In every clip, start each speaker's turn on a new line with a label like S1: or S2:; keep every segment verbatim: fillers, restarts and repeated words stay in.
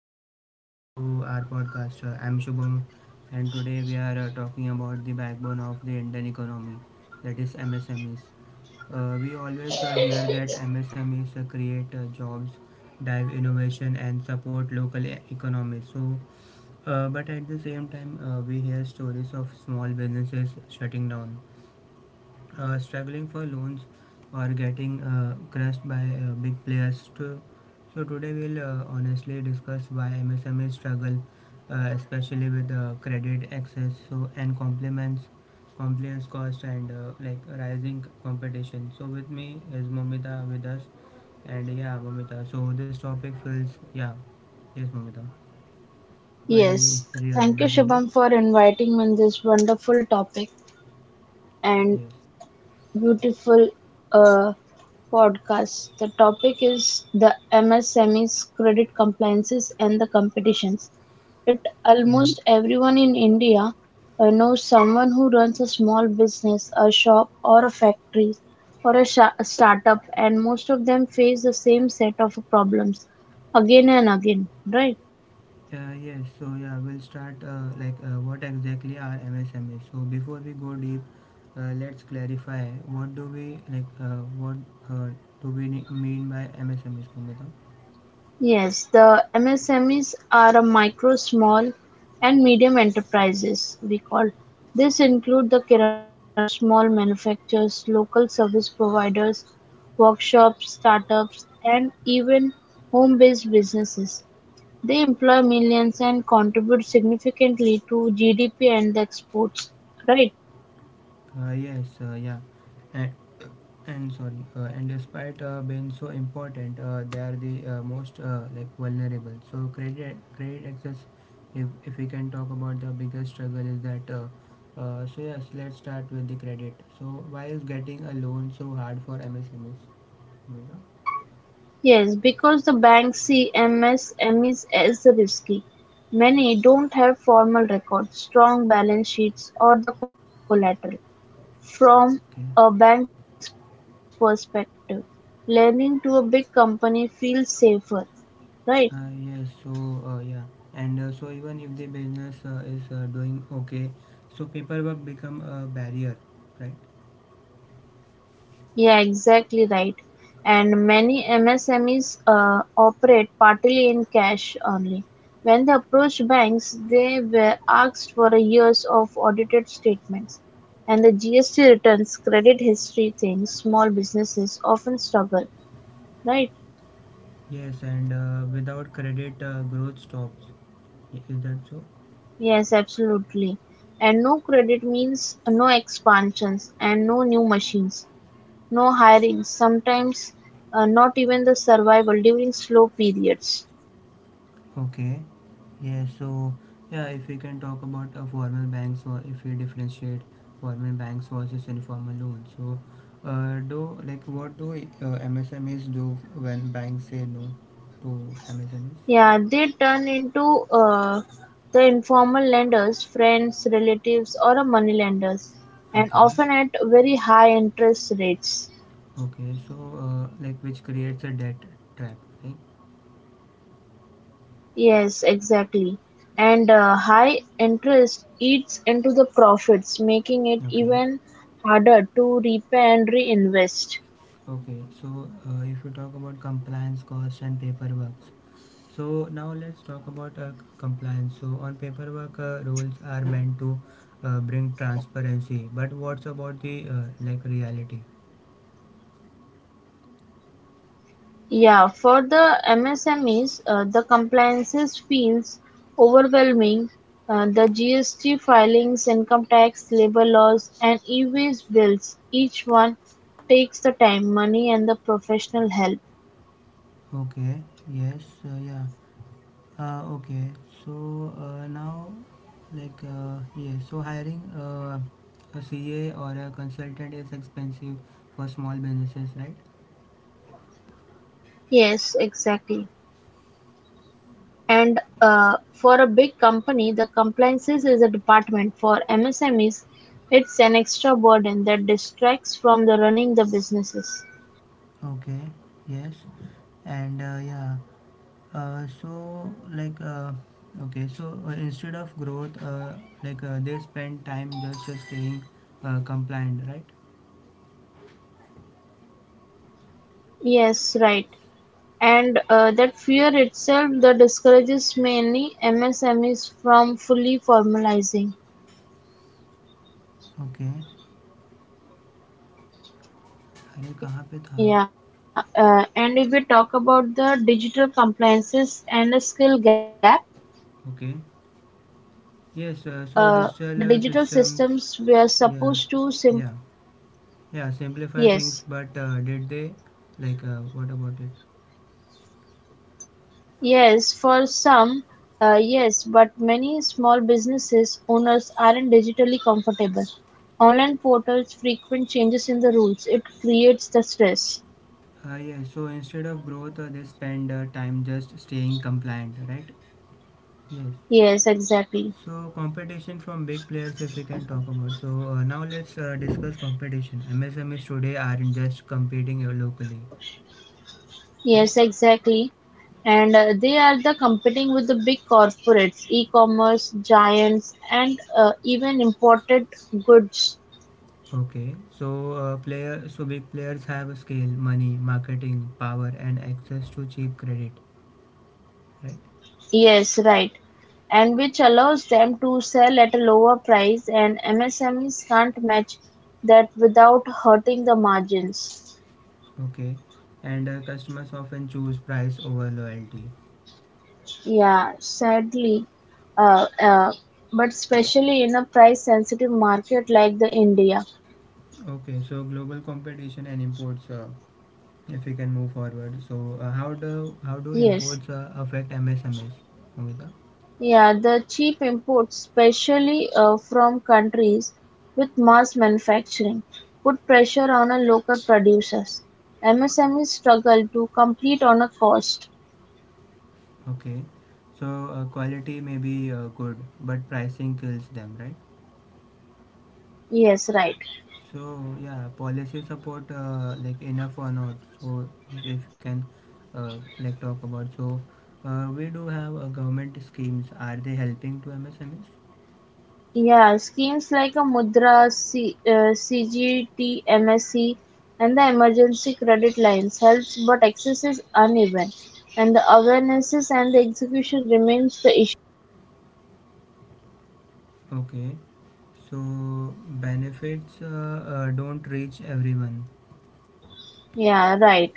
S1: Uh, welcome back to our podcast. Uh, I'm Shubham, and today we are uh, talking about the backbone of the Indian economy, that is M S M Es. Uh, we always uh, hear that M S M Es uh, create uh, jobs, drive innovation, and support local e- economies. So, uh, but at the same time, uh, we hear stories of small businesses shutting down, uh, struggling for loans, or getting uh, crushed by uh, big players too. So today we'll uh, honestly discuss why M S M Es struggle, uh, especially with uh, credit access, so, and complements, compliance cost, and uh, like rising competition. So with me is Mamita with us, and yeah, Mamita, so this topic feels, yeah, yes, Mamita, very
S2: Yes,
S1: real,
S2: thank you,
S1: doesn't it?
S2: Shubham, for inviting me in this wonderful topic. And
S1: Yes,
S2: beautiful uh, podcast. The topic is the M S M E's credit compliances and the competitions. It
S1: yeah.
S2: almost everyone in India uh, knows someone who runs a small business, a shop, or a factory, or a, sha a startup, and most of them face the same set of problems again and again, right?
S1: Uh, yes, so yeah, we'll start uh, like uh, what exactly are M S M Es. So before we go deep, uh, let's clarify what do we like, uh, what uh, do we ne- mean by M S M Es, Kumita?
S2: Yes, the M S M Es are a micro, small and medium enterprises we call. This include the kirana stores, small manufacturers, local service providers, workshops, startups and even home-based businesses. They employ millions and contribute significantly to G D P and the exports, right?
S1: Uh, yes, uh, yeah, and, and sorry, uh, and despite uh, being so important, uh, they are the uh, most, uh, like, vulnerable. So credit credit access, if if we can talk about, the biggest struggle is that. Uh, uh, so yes, let's start with the credit. So why is getting a loan so hard for M S M Es? Moira?
S2: Yes, because the bank see M S M Es as risky. Many don't have formal records, strong balance sheets, or the collateral.
S1: Okay.
S2: From a bank's perspective, lending to a big company feels safer, right?
S1: Uh, yes. So uh, yeah, and uh, so even if the business uh, is uh, doing okay, so paperwork become a barrier, right?
S2: Yeah, exactly right. And many M S M Es uh, operate partly in cash only. When they approached banks, they were asked for a years of audited statements. And the G S T returns, credit history things, small businesses often struggle, right?
S1: Yes, and uh, without credit, uh, growth stops. I- Is that so?
S2: Yes, absolutely. And no credit means no expansions and no new machines, no hirings, sometimes uh, not even the survival during slow periods.
S1: Okay. Yes, so yeah, if we can talk about uh, formal banks, or if we differentiate formal banks versus informal loans. So, uh, do, like, what do uh, M S M Es do when banks say no to M S M Es?
S2: Yeah, they turn into uh, the informal lenders, friends, relatives, or a money lenders, and
S1: Okay,
S2: often at very high interest rates.
S1: okay, so uh, like, which creates a debt trap, right?
S2: Yes, exactly. And uh, high interest eats into the profits, making it
S1: Okay.
S2: even harder to repay and reinvest.
S1: Okay, so uh, if you talk about compliance cost and paperwork, so now let's talk about uh, compliance. So on paperwork, uh, rules are meant to uh, bring transparency, but what's about the uh, like reality?
S2: Yeah, for the M S M Es, uh, the compliances feels overwhelming. Uh, the G S T filings, income tax, labor laws, and e-waste bills, each one takes the time, money, and the professional help.
S1: Okay, yes, uh, yeah, uh, okay. So uh, now, like, uh, yeah, so hiring uh, a C A or a consultant is expensive for small businesses, right?
S2: Yes, exactly. And uh, for a big company, the compliances is a department. For M S M Es, it's an extra burden that distracts from the running the businesses.
S1: Okay, yes, and uh, yeah. Uh, so, like, uh, okay, so uh, instead of growth, uh, like, uh, they spend time just uh, staying uh, compliant, right?
S2: Yes, right. And uh, that fear itself that discourages many M S M Es from fully formalizing.
S1: Okay. अरे कहाँ पे था.
S2: Yeah, uh, and if we talk about the digital compliances and the skill gap,
S1: Okay.
S2: uh,
S1: Yes,
S2: the
S1: uh, so
S2: digital
S1: digital uh,
S2: systems were
S1: systems,
S2: supposed to sim
S1: yeah, yeah, yeah,
S2: yes,
S1: simplify things, but uh, did they, like, uh, what about it?
S2: yes, for some, uh, yes, but many small businesses owners aren't digitally comfortable. Online portals frequent changes in the rules. It creates the stress.
S1: Uh, yeah, so instead of growth, uh, they spend uh, time just staying compliant, right? Yes.
S2: Yes,
S1: So
S2: exactly.
S1: competition from big players, if we can talk about. So uh, now let's uh, discuss competition. M S M Es today aren't just competing uh, locally. Yes.
S2: Yes, exactly. And uh, they are the competing with the big corporates, e-commerce giants, and uh, even imported goods.
S1: Okay. So uh, player, so big players have scale, money, marketing, power, and access to cheap credit. Right.
S2: Yes, right. And which allows them to sell at a lower price, and M S M Es can't match that without hurting the margins.
S1: Okay. And uh, customers often choose price over loyalty.
S2: Yeah, sadly, uh, uh, but especially in a price-sensitive market like the India.
S1: Okay. So global competition and imports. Uh, if we can move forward. So uh, how do how do
S2: Yes.
S1: imports uh, affect M S M Es, Amita?
S2: Yeah, the cheap imports, especially uh, from countries with mass manufacturing, put pressure on a local producers. M S M Es struggle to compete on a cost.
S1: Okay, so uh, quality may be uh, good, but pricing kills them, right?
S2: Yes, right.
S1: So yeah, policy support, uh, like, enough or not? So if we can, uh, like, talk about, so, uh, we do have uh, government schemes. Are they helping to M S M Es?
S2: Yeah, schemes like a Mudra, C, uh, C G T, M S C, and the emergency credit lines helps, but access is uneven, and the awarenesses and the execution remains the issue.
S1: Okay, so benefits uh, uh, don't reach everyone.
S2: Yeah, right.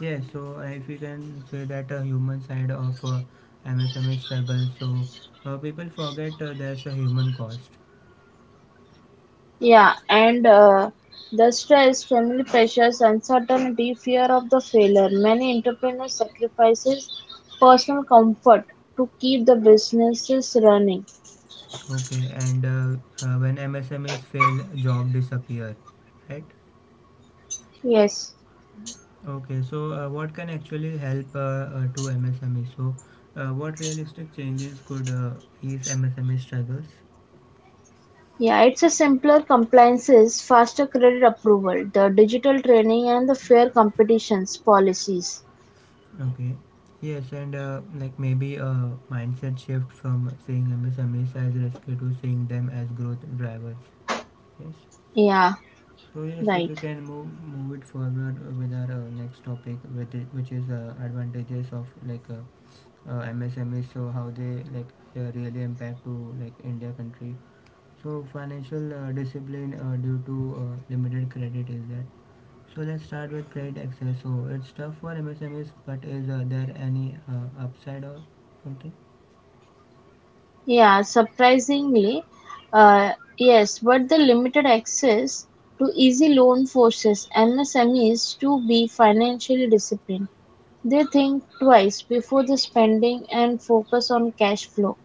S1: Yeah, so uh, if we can say that, a human side of uh, M S M E struggle, so uh, people forget uh, there's a human cost.
S2: Yeah, and uh, the stress, family pressures, uncertainty, fear of the failure. Many entrepreneurs sacrifices personal comfort to keep the businesses running.
S1: Okay, and uh, uh, when M S M Es fail, job disappear, right?
S2: Yes.
S1: Okay, so uh, what can actually help, uh, uh, to M S M Es? So, uh, what realistic changes could uh, ease M S M E struggles?
S2: Yeah, it's a simpler compliances, faster credit approval, the digital training and the fair competitions policies.
S1: Okay, yes, and uh, like, maybe a mindset shift from seeing M S M Es as risky to seeing them as growth drivers. Yes.
S2: Yeah,
S1: So yes, if
S2: right.
S1: we can move move it forward with our uh, next topic, with it, which is uh, advantages of, like, uh, uh, M S M Es, so how they, like, uh, really impact to, like, India country. So financial uh, discipline uh, due to uh, limited credit is that. So let's start with credit access. So it's tough for M S M Es, but is uh, there any uh, upside or something?
S2: Yeah, surprisingly, uh, yes, but the limited access to easy loan forces M S M Es to be financially disciplined. They think twice before the spending and focus on cash flow.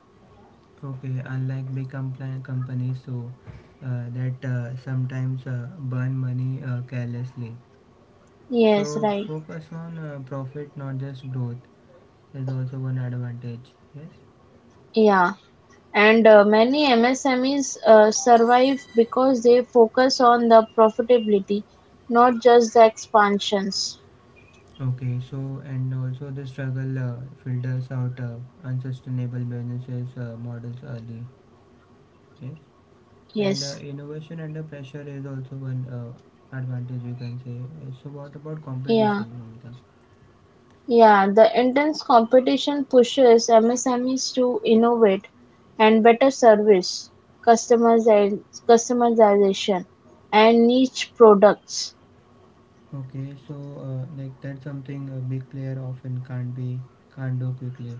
S1: Okay, unlike big compli- companies, so uh, that uh, sometimes uh, burn money uh, carelessly.
S2: Yes,
S1: So
S2: right.
S1: focus on uh, profit, not just growth, is also one advantage. Yes.
S2: Yeah, and uh, many M S M Es uh, survive because they focus on the profitability, not just the expansions.
S1: Okay, so, and also the struggle uh, filters out uh, unsustainable businesses uh, models early. Yes, and uh,
S2: Yes.
S1: innovation under pressure is also one uh, advantage, we can say. Uh, So what about
S2: Yeah.
S1: competition, Mamita?
S2: Yeah, the intense competition pushes M S M Es to innovate and better service, customiza- customization, and niche products.
S1: Okay, so uh, like, that's something a big player often can't be can't do quickly.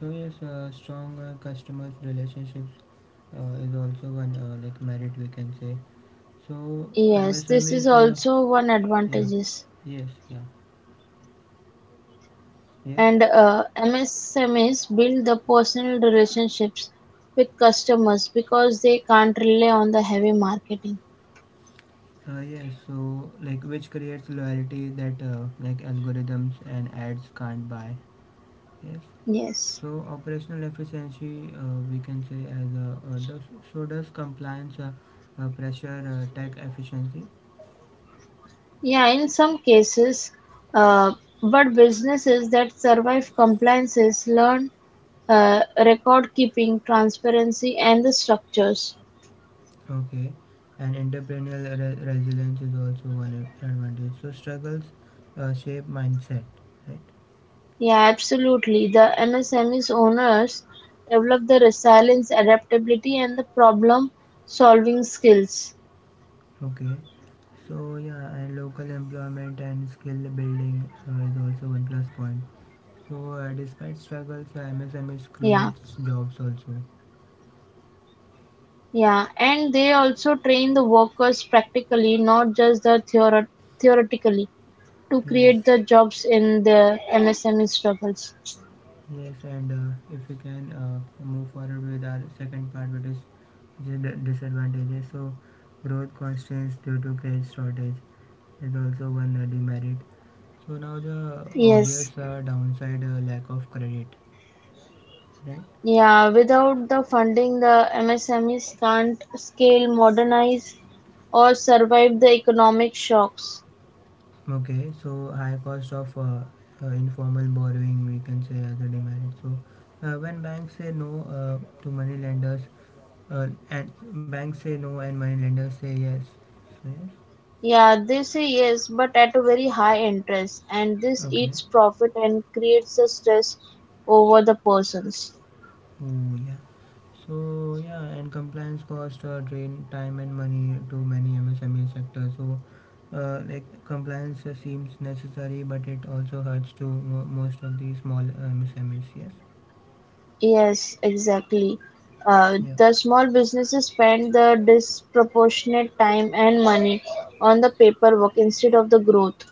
S1: So yes, uh, strong uh, customers relationships uh, is also one, uh, like, merit, we can say. So
S2: Yes, this is
S1: M S M Es, uh,
S2: also one
S1: yeah,
S2: advantages.
S1: yes, yeah. Yes.
S2: And uh, M S M Es build the personal relationships with customers because they can't rely on the heavy marketing.
S1: Uh, yes. So, like, which creates loyalty that uh, like algorithms and ads can't buy. Yes.
S2: Yes.
S1: So operational efficiency, uh, we can say, as a, uh, does, so does compliance uh, uh, pressure uh, tech efficiency.
S2: Yeah, in some cases, uh, but businesses that survive compliances learn Uh, record-keeping, transparency and the structures.
S1: Okay. And entrepreneurial re- resilience is also one a- advantage. So struggles uh, shape mindset. Right.
S2: Yeah, absolutely. The M S M E's owners develop the resilience, adaptability and the problem-solving skills.
S1: Okay. So yeah, and local employment and skill building uh, is also one plus point. So uh, despite
S2: Yeah,
S1: struggles, uh, M S M Es creates jobs also.
S2: yeah. And they also train the workers practically, not just the theoret theoretically, to create the
S1: Yes,
S2: jobs in the M S M E struggles.
S1: yes, and uh, if we can uh, move forward with our second part, which is which is the disadvantages. So growth constraints due to credit shortage is also one uh, demerit. So now, the
S2: Yes.
S1: obvious uh, downside, uh, lack of credit, right?
S2: Yeah, without the funding, the M S M Es can't scale, modernize, or survive the economic shocks.
S1: Okay, so high cost of, uh, uh, informal borrowing, we can say as a demerit. So uh, when banks say no, uh, to money lenders. Uh, and banks say no and money lenders say yes. So yes.
S2: Yeah, they say yes, but at a very high interest, and this
S1: Okay.
S2: eats profit and creates a stress over the persons.
S1: Oh yeah. So yeah, and compliance cost uh, drain time and money to many M S M E sectors. So uh, like compliance uh, seems necessary, but it also hurts to mo- most of the small M S M Es. Yes.
S2: Yes, exactly. Uh,
S1: Yeah.
S2: the small businesses spend the disproportionate time and money on the paperwork instead of the growth.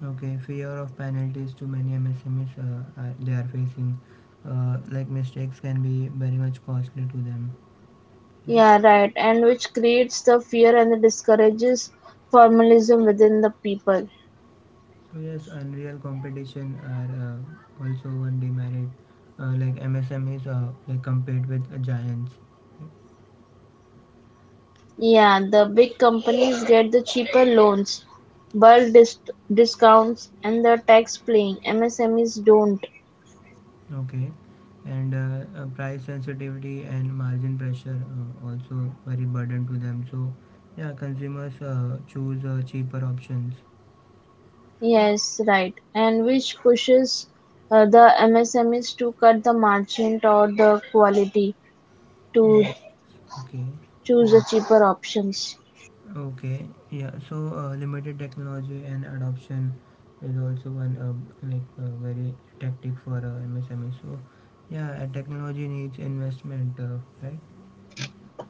S1: Okay. Fear of penalties to many M S M Es, uh, are, they are facing. Uh, like, mistakes can be very much costly to them. Yes.
S2: Yeah, right. And which creates the fear and it discourages formalism within the people.
S1: So yes, unreal competition are uh, also one demerit. Uh, like, M S M is, uh, like, compete with uh, giants.
S2: Yeah, the big companies get the cheaper loans, bulk dis- discounts, and the tax playing. M S M Es don't.
S1: Okay, and uh, uh, price sensitivity and margin pressure uh, also very burden to them. So yeah, consumers uh, choose uh, cheaper options.
S2: Yes, right. And which pushes uh, the M S M Es to cut the margin or the quality to
S1: Yes, okay,
S2: choose the
S1: yeah.
S2: cheaper options.
S1: Okay, yeah. So uh, limited technology and adoption is also one, uh, like, uh, very tactic for uh, M S M E. So yeah, uh, technology needs investment, uh, right?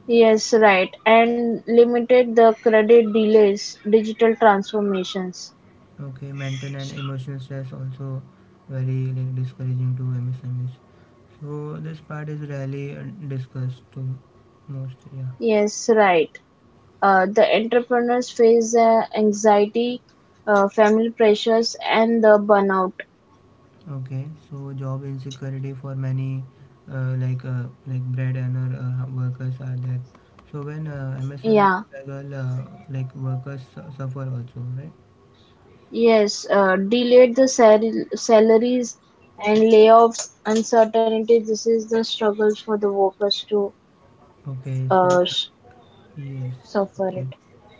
S2: Yes, right. And limited the credit delays, digital transformations.
S1: Okay, mental and emotional stress also very like discouraging to M S M Es. So this part is rarely uh, discussed to most. Yeah.
S2: Yes, right. Uh, the entrepreneurs face uh, anxiety, uh, family pressures, and the burnout.
S1: Okay, so job insecurity for many, uh, like uh, like bread earner uh, workers, are there. So when uh, M S M E
S2: Yeah,
S1: struggle, uh, like, workers su- suffer also, right?
S2: yes, uh, delayed the sal- salaries and layoffs, uncertainty. This is the struggles for the workers to
S1: Okay, so
S2: uh, s-
S1: yes,
S2: suffer it.
S1: okay,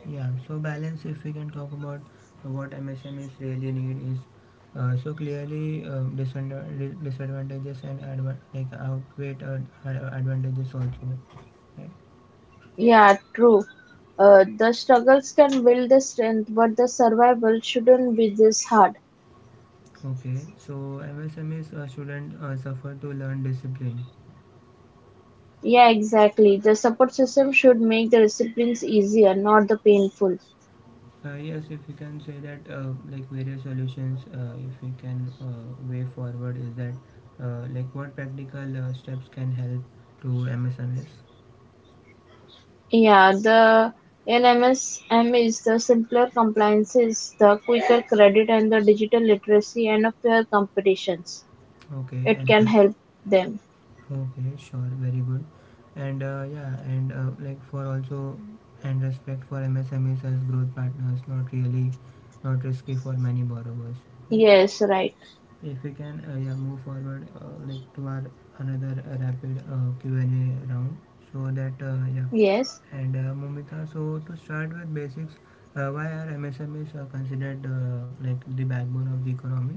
S1: yeah. So balance, if we can talk about what M S M M S M Es really need is, uh, so clearly uh, disadvantages and adva- like outweigh uh, ad- advantages also, right?
S2: Yeah, true. Uh, the struggles can build the strength, but the survival shouldn't be this hard.
S1: Okay, so M S M Es uh, shouldn't uh, suffer to learn discipline.
S2: Yeah, exactly. The support system should make the disciplines easier, not the painful.
S1: Uh, yes, if you can say that, uh, like various solutions, uh, if we can, uh, way forward is that, uh, like what practical uh, steps can help to M S M Es?
S2: Yeah, the L M S M is the simpler compliances, the quicker credit and the digital literacy and a fair competitions.
S1: Okay,
S2: It
S1: and
S2: can
S1: uh,
S2: help them.
S1: okay, sure, very good. And uh, yeah, and uh, like for also, and respect for M S M Es as growth partners, not really, not risky for many borrowers. Yes.
S2: Yes, right.
S1: If we can, uh, yeah, move forward, uh, like, to our another uh, rapid uh, Q and A round, so that uh, yeah.
S2: Yes.
S1: And uh, Mumita, so to start with basics, uh, why are M S M Es uh, considered uh, like the backbone of the economy?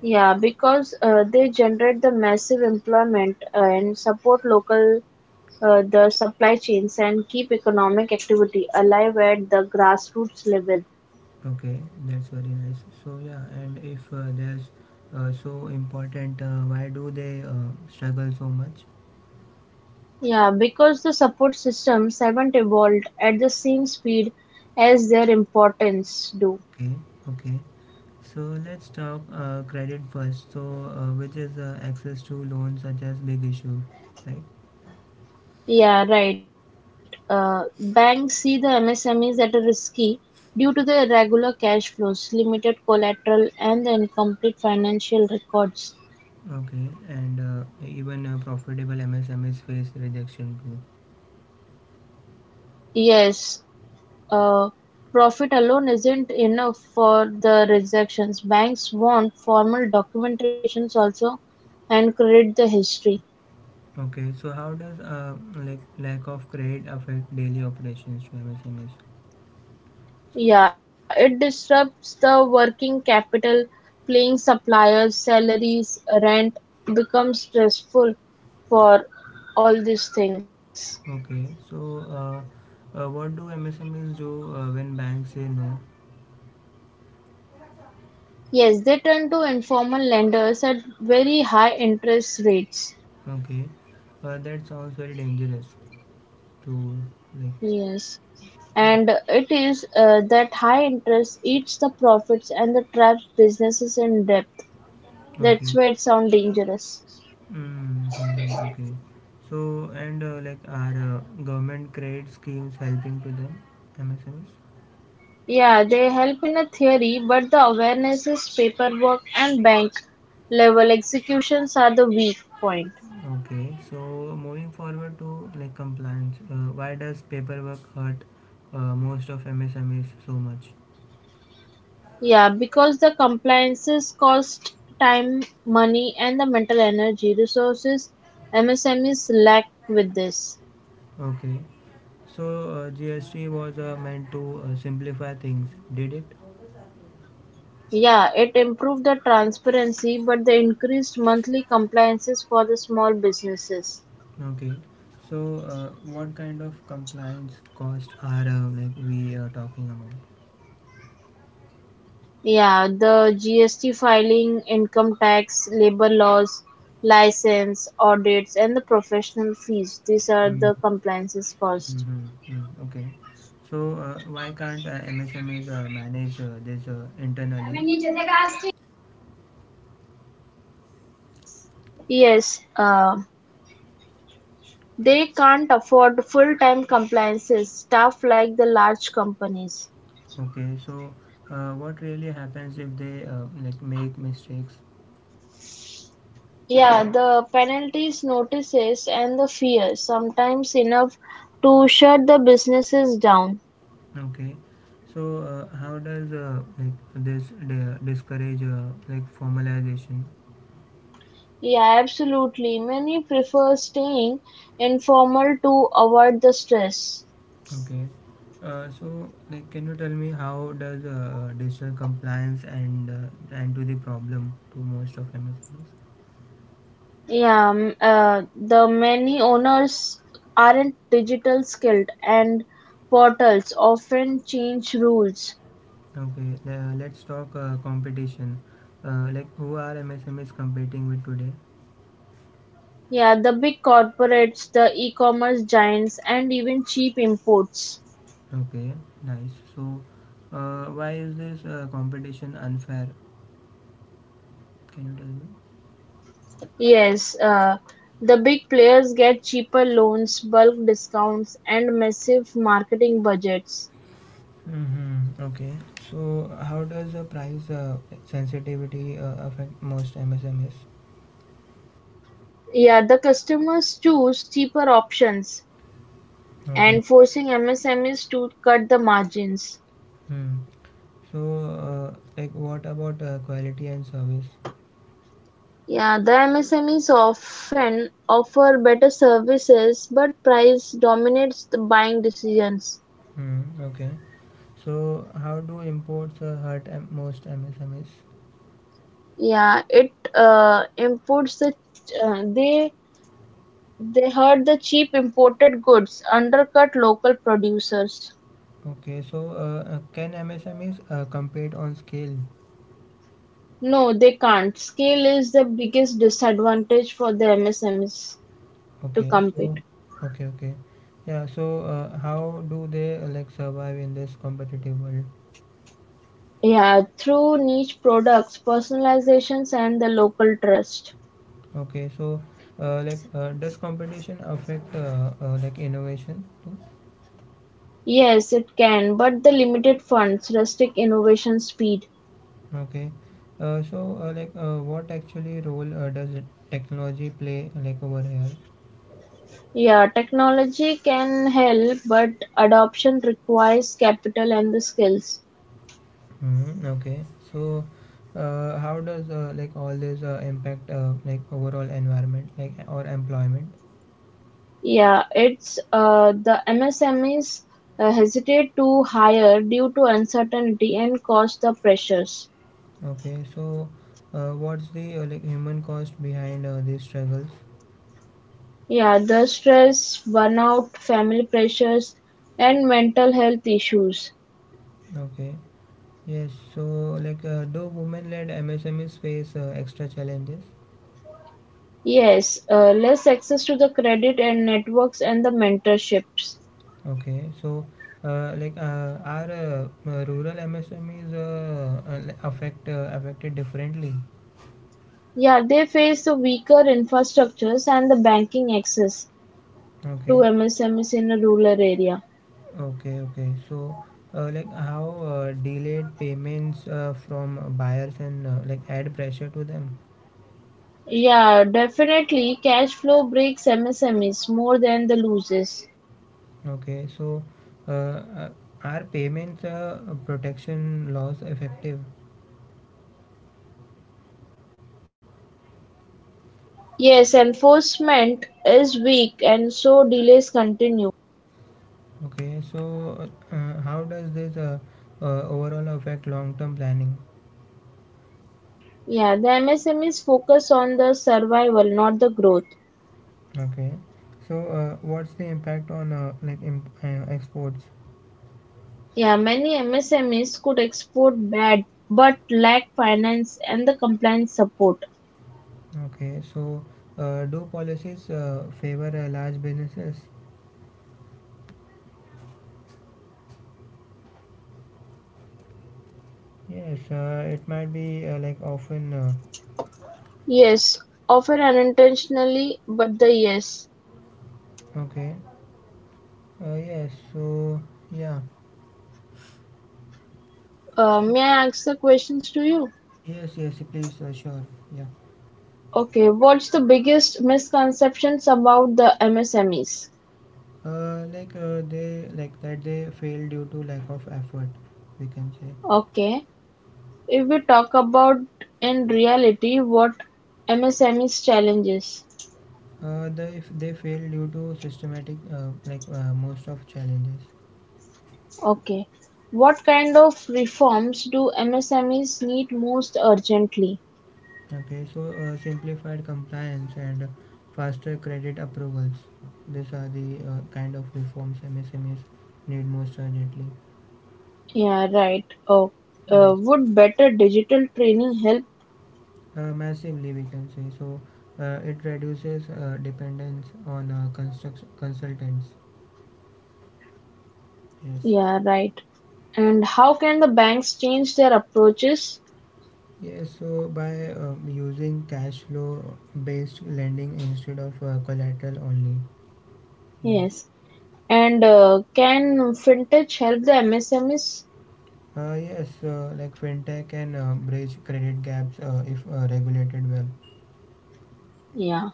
S2: Yeah, because uh, they generate the massive employment uh, and support local uh, the supply chains and keep economic activity alive at the grassroots level.
S1: Okay, that's very nice. So yeah, and if uh, there's uh, so important, uh, why do they uh, struggle so much?
S2: Yeah, because the support systems haven't evolved at the same speed as their importance do.
S1: Okay, okay. So let's talk uh, credit first. So uh, which is uh, access to loans such as big issue, right?
S2: Yeah, right. Uh, banks see the M S M Es at a risky due to the irregular cash flows, limited collateral, and the incomplete financial records.
S1: Okay, and uh, even uh, profitable M S M Es face rejection too.
S2: Yes, uh, profit alone isn't enough for the rejections. Banks want formal documentations also and credit the history.
S1: Okay, so how does uh, like lack of credit affect daily operations to M S M Es?
S2: Yeah, it disrupts the working capital, paying suppliers, salaries, rent becomes stressful for all these things.
S1: Okay, so uh, uh, what do M S M Es do uh, when banks say no?
S2: Yes, they turn to informal lenders at very high interest rates.
S1: Okay, uh, that sounds very dangerous to, like,
S2: Yes,
S1: yeah.
S2: and it is uh, that high interest eats the profits and the traps businesses in debt. That's
S1: Okay.
S2: why it sounds dangerous.
S1: Mm-hmm, okay. So, and uh, like, are uh, government credit schemes helping to them M S M Es?
S2: Yeah, they help in a theory, but the awarenesses, paperwork, and bank level executions are the weak point.
S1: Okay, so moving forward to, like, compliance, uh, why does paperwork hurt uh, most of M S M Es so much?
S2: Yeah, because the compliances cost time, money, and the mental energy resources M S M Es lack with this.
S1: Okay, so uh, G S T was uh, meant to uh, simplify things, did it?
S2: Yeah, it improved the transparency, but the increased monthly compliances for the small businesses.
S1: Okay, so uh, what kind of compliance cost are, uh, like, we are talking about?
S2: Yeah, the G S T filing, income tax, labor laws, license, audits, and the professional fees. These are
S1: Mm.
S2: the compliances cost.
S1: Mm-hmm. Mm. Okay, so uh, why can't uh, M S M Es uh, manage uh, this uh, internally?
S2: Yes, uh, they can't afford full-time compliances staff like the large companies.
S1: Okay, so uh, what really happens if they, uh, like, make mistakes?
S2: Yeah, the penalties, notices, and the fear sometimes enough to shut the businesses down.
S1: Okay, so uh, how does uh, like this di- discourage uh, like formalization?
S2: Yeah, absolutely. Many prefer staying informal to avoid the stress.
S1: Okay, uh, so like can you tell me how does uh, digital compliance and uh, and to the problem to most of M S M Es?
S2: Yeah, m- uh, the many owners aren't digital skilled and portals often change rules.
S1: Okay, le- let's talk uh, competition. Uh, like who are M S M Es competing with today?
S2: Yeah, the big corporates, the e-commerce giants, and even cheap imports.
S1: Okay, nice. So, uh, why is this uh, competition unfair? Can you tell
S2: Yes, uh, the big players get cheaper loans, bulk discounts, and massive marketing budgets.
S1: me? Mm-hmm. Okay. So, how does the price uh, sensitivity uh, affect most M S M Es?
S2: Yeah, the customers choose cheaper options
S1: Okay.
S2: and forcing M S M Es to cut the margins.
S1: Hmm. So, uh, like, what about uh, quality and service?
S2: Yeah, the M S M Es often offer better services, but price dominates the buying decisions.
S1: Hmm. Okay. So, how do imports uh, hurt M- most M S M Es?
S2: Yeah, it uh, imports the uh, they they hurt the cheap imported goods, undercut local producers.
S1: Okay. So, uh, uh, can M S M Es uh, compete on scale?
S2: No, they can't. Scale is the biggest disadvantage for the M S M Es to
S1: Okay, so
S2: compete.
S1: okay, okay. Yeah, so uh, how do they uh, like survive in this competitive world?
S2: Yeah, through niche products, personalizations, and the local trust.
S1: Okay, so uh, like uh, does competition affect uh, uh, like innovation too?
S2: Yes, it can, but the limited funds, rustic innovation speed.
S1: Okay. Uh, so uh, like uh, what actually role uh, does it- technology play uh, like over here?
S2: Yeah, technology can help, but adoption requires capital and the skills.
S1: hmm Okay. So uh, how does uh, like all this uh, impact uh, like overall environment like or employment?
S2: Yeah, it's uh, the M S M Es uh, hesitate to hire due to uncertainty and cost the pressures.
S1: Okay, so uh, what's the uh, like human cost behind uh, these struggles?
S2: Yeah, the stress, burnout, family pressures, and mental health issues.
S1: Okay, yes. So like, uh, do women-led M S M Es face uh, extra challenges?
S2: Yes, uh, less access to the credit and networks and the mentorships.
S1: Okay, so uh, like, uh, are uh, uh, rural M S M Es uh, uh, like, affect uh, affected differently?
S2: Yeah, they face the weaker infrastructures and the banking access to
S1: Okay,
S2: M S M Es in a rural area.
S1: okay, okay. So uh, like, how uh, delayed payments uh, from buyers and uh, like add pressure to them?
S2: Yeah, definitely cash flow breaks M S M Es more than the loses.
S1: Okay, so uh, uh, are payments uh, protection laws effective?
S2: Yes, enforcement is weak and so delays continue.
S1: Okay, so uh, how does this uh, uh, overall affect long-term planning?
S2: Yeah, the M S M Es focus on the survival, not the growth.
S1: Okay, so uh, what's the impact on uh, like imp- uh, exports?
S2: Yeah, many M S M Es could export bad but lack finance and the compliance support.
S1: Okay, so uh, do policies uh, favor uh, large businesses? Yes, uh, it might be uh, like often. Uh,
S2: Yes, often unintentionally, but the yes.
S1: okay, uh, yes, so yeah,
S2: Uh,
S1: so
S2: may I ask the questions to you?
S1: yes, yes, please, uh, sure, yeah.
S2: Okay, what's the biggest misconceptions about the M S M Es?
S1: Uh, like uh, they like that they fail due to lack of effort, we can say.
S2: Okay, if we talk about in reality, what M S M Es challenges?
S1: Uh, the if they fail due to systematic uh, like uh, most of challenges.
S2: Okay, what kind of reforms do M S M Es need most urgently?
S1: Okay, so uh, simplified compliance and faster credit approvals, these are the uh, kind of reforms msmes need most urgently.
S2: Yeah, right. Oh, uh,
S1: Yes,
S2: would better digital training help?
S1: uh, massively we can say. So uh, it reduces uh, dependence on uh, construct- consultants. Yes.
S2: Yeah, right. And how can the banks change their approaches?
S1: Yes, so by um, using cash flow based lending instead of uh, collateral only. Yes.
S2: Yes. And uh, can fintech help the M S M Es?
S1: Uh, yes, uh, like fintech can uh, bridge credit gaps uh, if uh, regulated well.
S2: Yeah.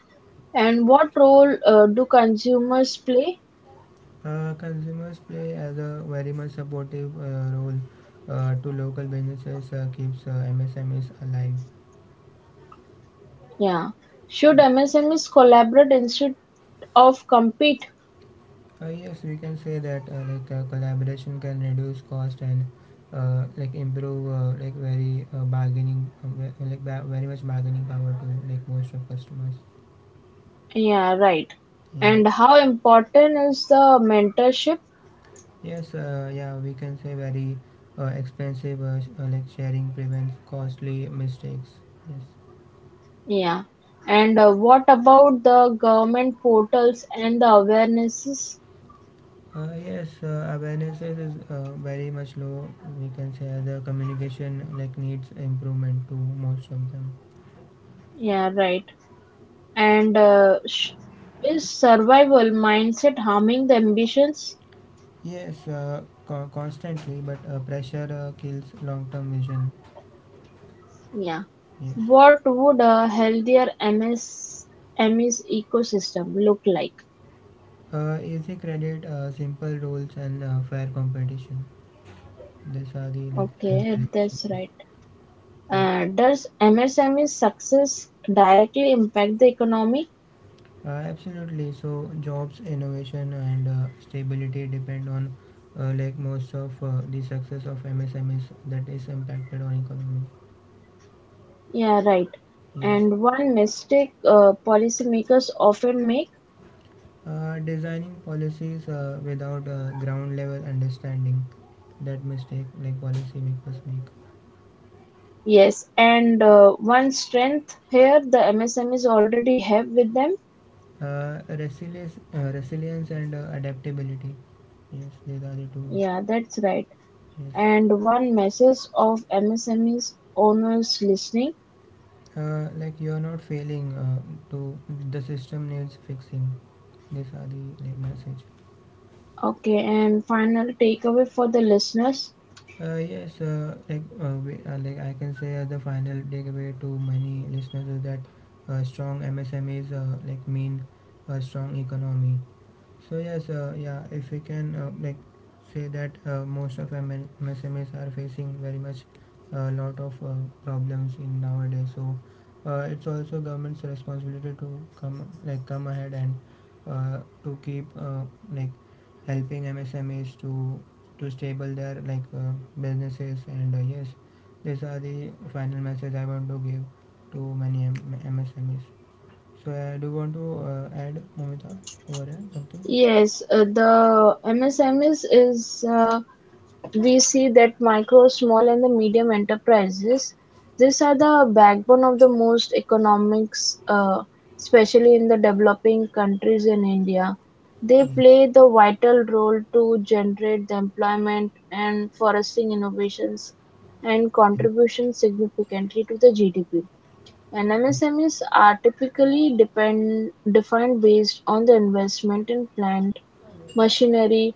S2: And what role uh, do consumers play?
S1: Uh, consumers play as a very much supportive uh, role uh, to local businesses, uh, keeps uh, M S M Es alive.
S2: Yeah. Should M S M Es collaborate instead of compete?
S1: Uh, yes, we can say that uh, like uh, collaboration can reduce cost and uh, like improve uh, like very uh, bargaining uh, ve- like ba- very much bargaining power to like most of customers.
S2: Yeah, right.
S1: Yeah.
S2: And how important is the mentorship?
S1: Yes. Uh, yeah. We can say very uh, expensive uh, sh- uh, like sharing prevents costly mistakes. Yes.
S2: Yeah. And uh, what about the government portals and the awarenesses?
S1: Uh, yes, uh, awareness is is, uh, very much low. We can say the communication like needs improvement to most of them.
S2: Yeah, right. And uh, sh- is survival mindset harming the ambitions?
S1: Yes, uh, co- constantly, but uh, pressure uh, kills long-term vision.
S2: Yeah.
S1: Yes.
S2: What would a healthier M S ecosystem look like?
S1: Uh, easy credit, uh, simple rules, and uh, fair competition. These are the like healthier
S2: Okay, that's
S1: ambitions.
S2: right.
S1: Yeah.
S2: Uh, does M S M E success directly impact the economy?
S1: Uh, absolutely. So jobs, innovation, and uh, stability depend on uh, like most of uh, the success of M S M Es that is impacted on economy.
S2: Yeah, right.
S1: Yes.
S2: And one mistake uh, policymakers often make.
S1: Uh, designing policies uh, without uh, ground level understanding, that mistake like policymakers make.
S2: Yes, and uh, one strength here the M S M M S M Es already have with them.
S1: Uh, resilience, uh, resilience and uh, adaptability. Yes, these are the two.
S2: Yeah, that's right.
S1: Yes,
S2: And one message of M S M M S M Es owners listening.
S1: uh, like you are not failing. Uh, to The system needs fixing. These are the like message.
S2: Okay, and final takeaway for the listeners.
S1: Uh, yes, uh, like uh, we, uh, like I can say as the final takeaway to many listeners is that uh, strong M S M Es uh, like mean a strong economy. So yes, uh, yeah, if we can uh, like say that uh, most of M L M S M Es are facing very much a lot of uh, problems in nowadays. So uh, it's also government's responsibility to come like come ahead and uh, to keep uh, like helping M S M Es to to stable their like uh, businesses and uh, yes, these are the final message I want to give to many M- MSMEs. So I do want to uh, add Momita over here something.
S2: Yes, uh, the M S M Es is uh, We see that micro, small and the medium enterprises, these are the backbone of the most economics, uh, especially in the developing countries in India. They
S1: Yes,
S2: play the vital role to generate the employment and fostering innovations and contribution significantly to the G D P. N M S M Es are typically depend, defined based on the investment in plant, machinery,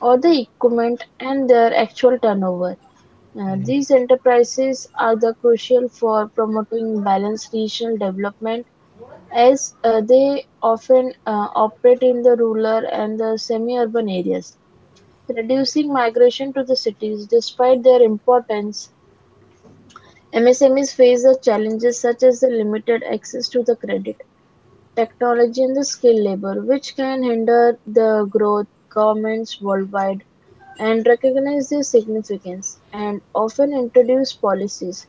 S2: or the equipment and their actual turnover. Uh,
S1: yes,
S2: These enterprises are the crucial for promoting balanced regional development as uh, they often uh, operate in the rural and the semi-urban areas, reducing migration to the cities despite their importance. M S M Es face the challenges such as the limited access to the credit, technology and the skilled labor, which can hinder the growth governments worldwide and recognize their significance and often introduce policies,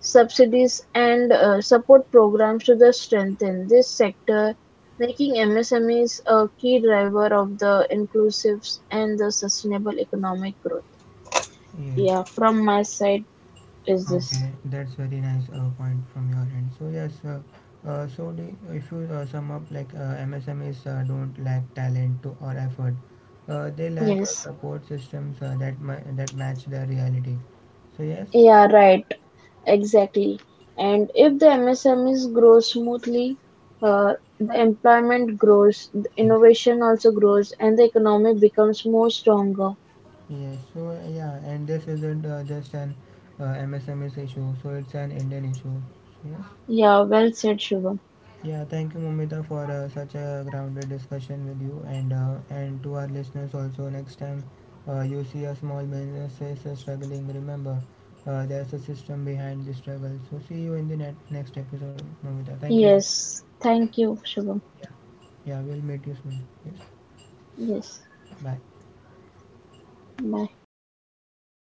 S2: subsidies and uh, support programs to the strengthen this sector, making M S M Es a key driver of the inclusives and the sustainable economic growth.
S1: yes.
S2: Yeah, from my side is this.
S1: Okay, that's very nice uh, point from your end. So yes, uh, uh, so the, if you uh, sum up like uh, M S M Es uh, don't lack talent to or effort, uh, they lack uh,
S2: Yes.
S1: support systems uh, that ma- that match their reality. So yes,
S2: Yeah, right. Exactly. And if the M S M M S M Es grow smoothly, uh, the employment grows, the
S1: yes,
S2: innovation also grows, and the economy becomes more stronger.
S1: yes. So uh, yeah, and this isn't uh, just an uh, M S M Es issue. So it's an Indian issue. So, yes.
S2: Yeah, well said, Shubham.
S1: Yeah, thank you, Momita, for uh, such a grounded discussion with you, and uh, and to our listeners also. Next time uh, you see a small business is uh, struggling, remember uh, there's a system behind the struggle. So see you in the net- next episode, Momita. Thank you. very-
S2: Yes. Thank you, Shubham.
S1: Yeah, yeah, we'll meet you soon. Yes,
S2: Yes.
S1: bye.
S2: Bye.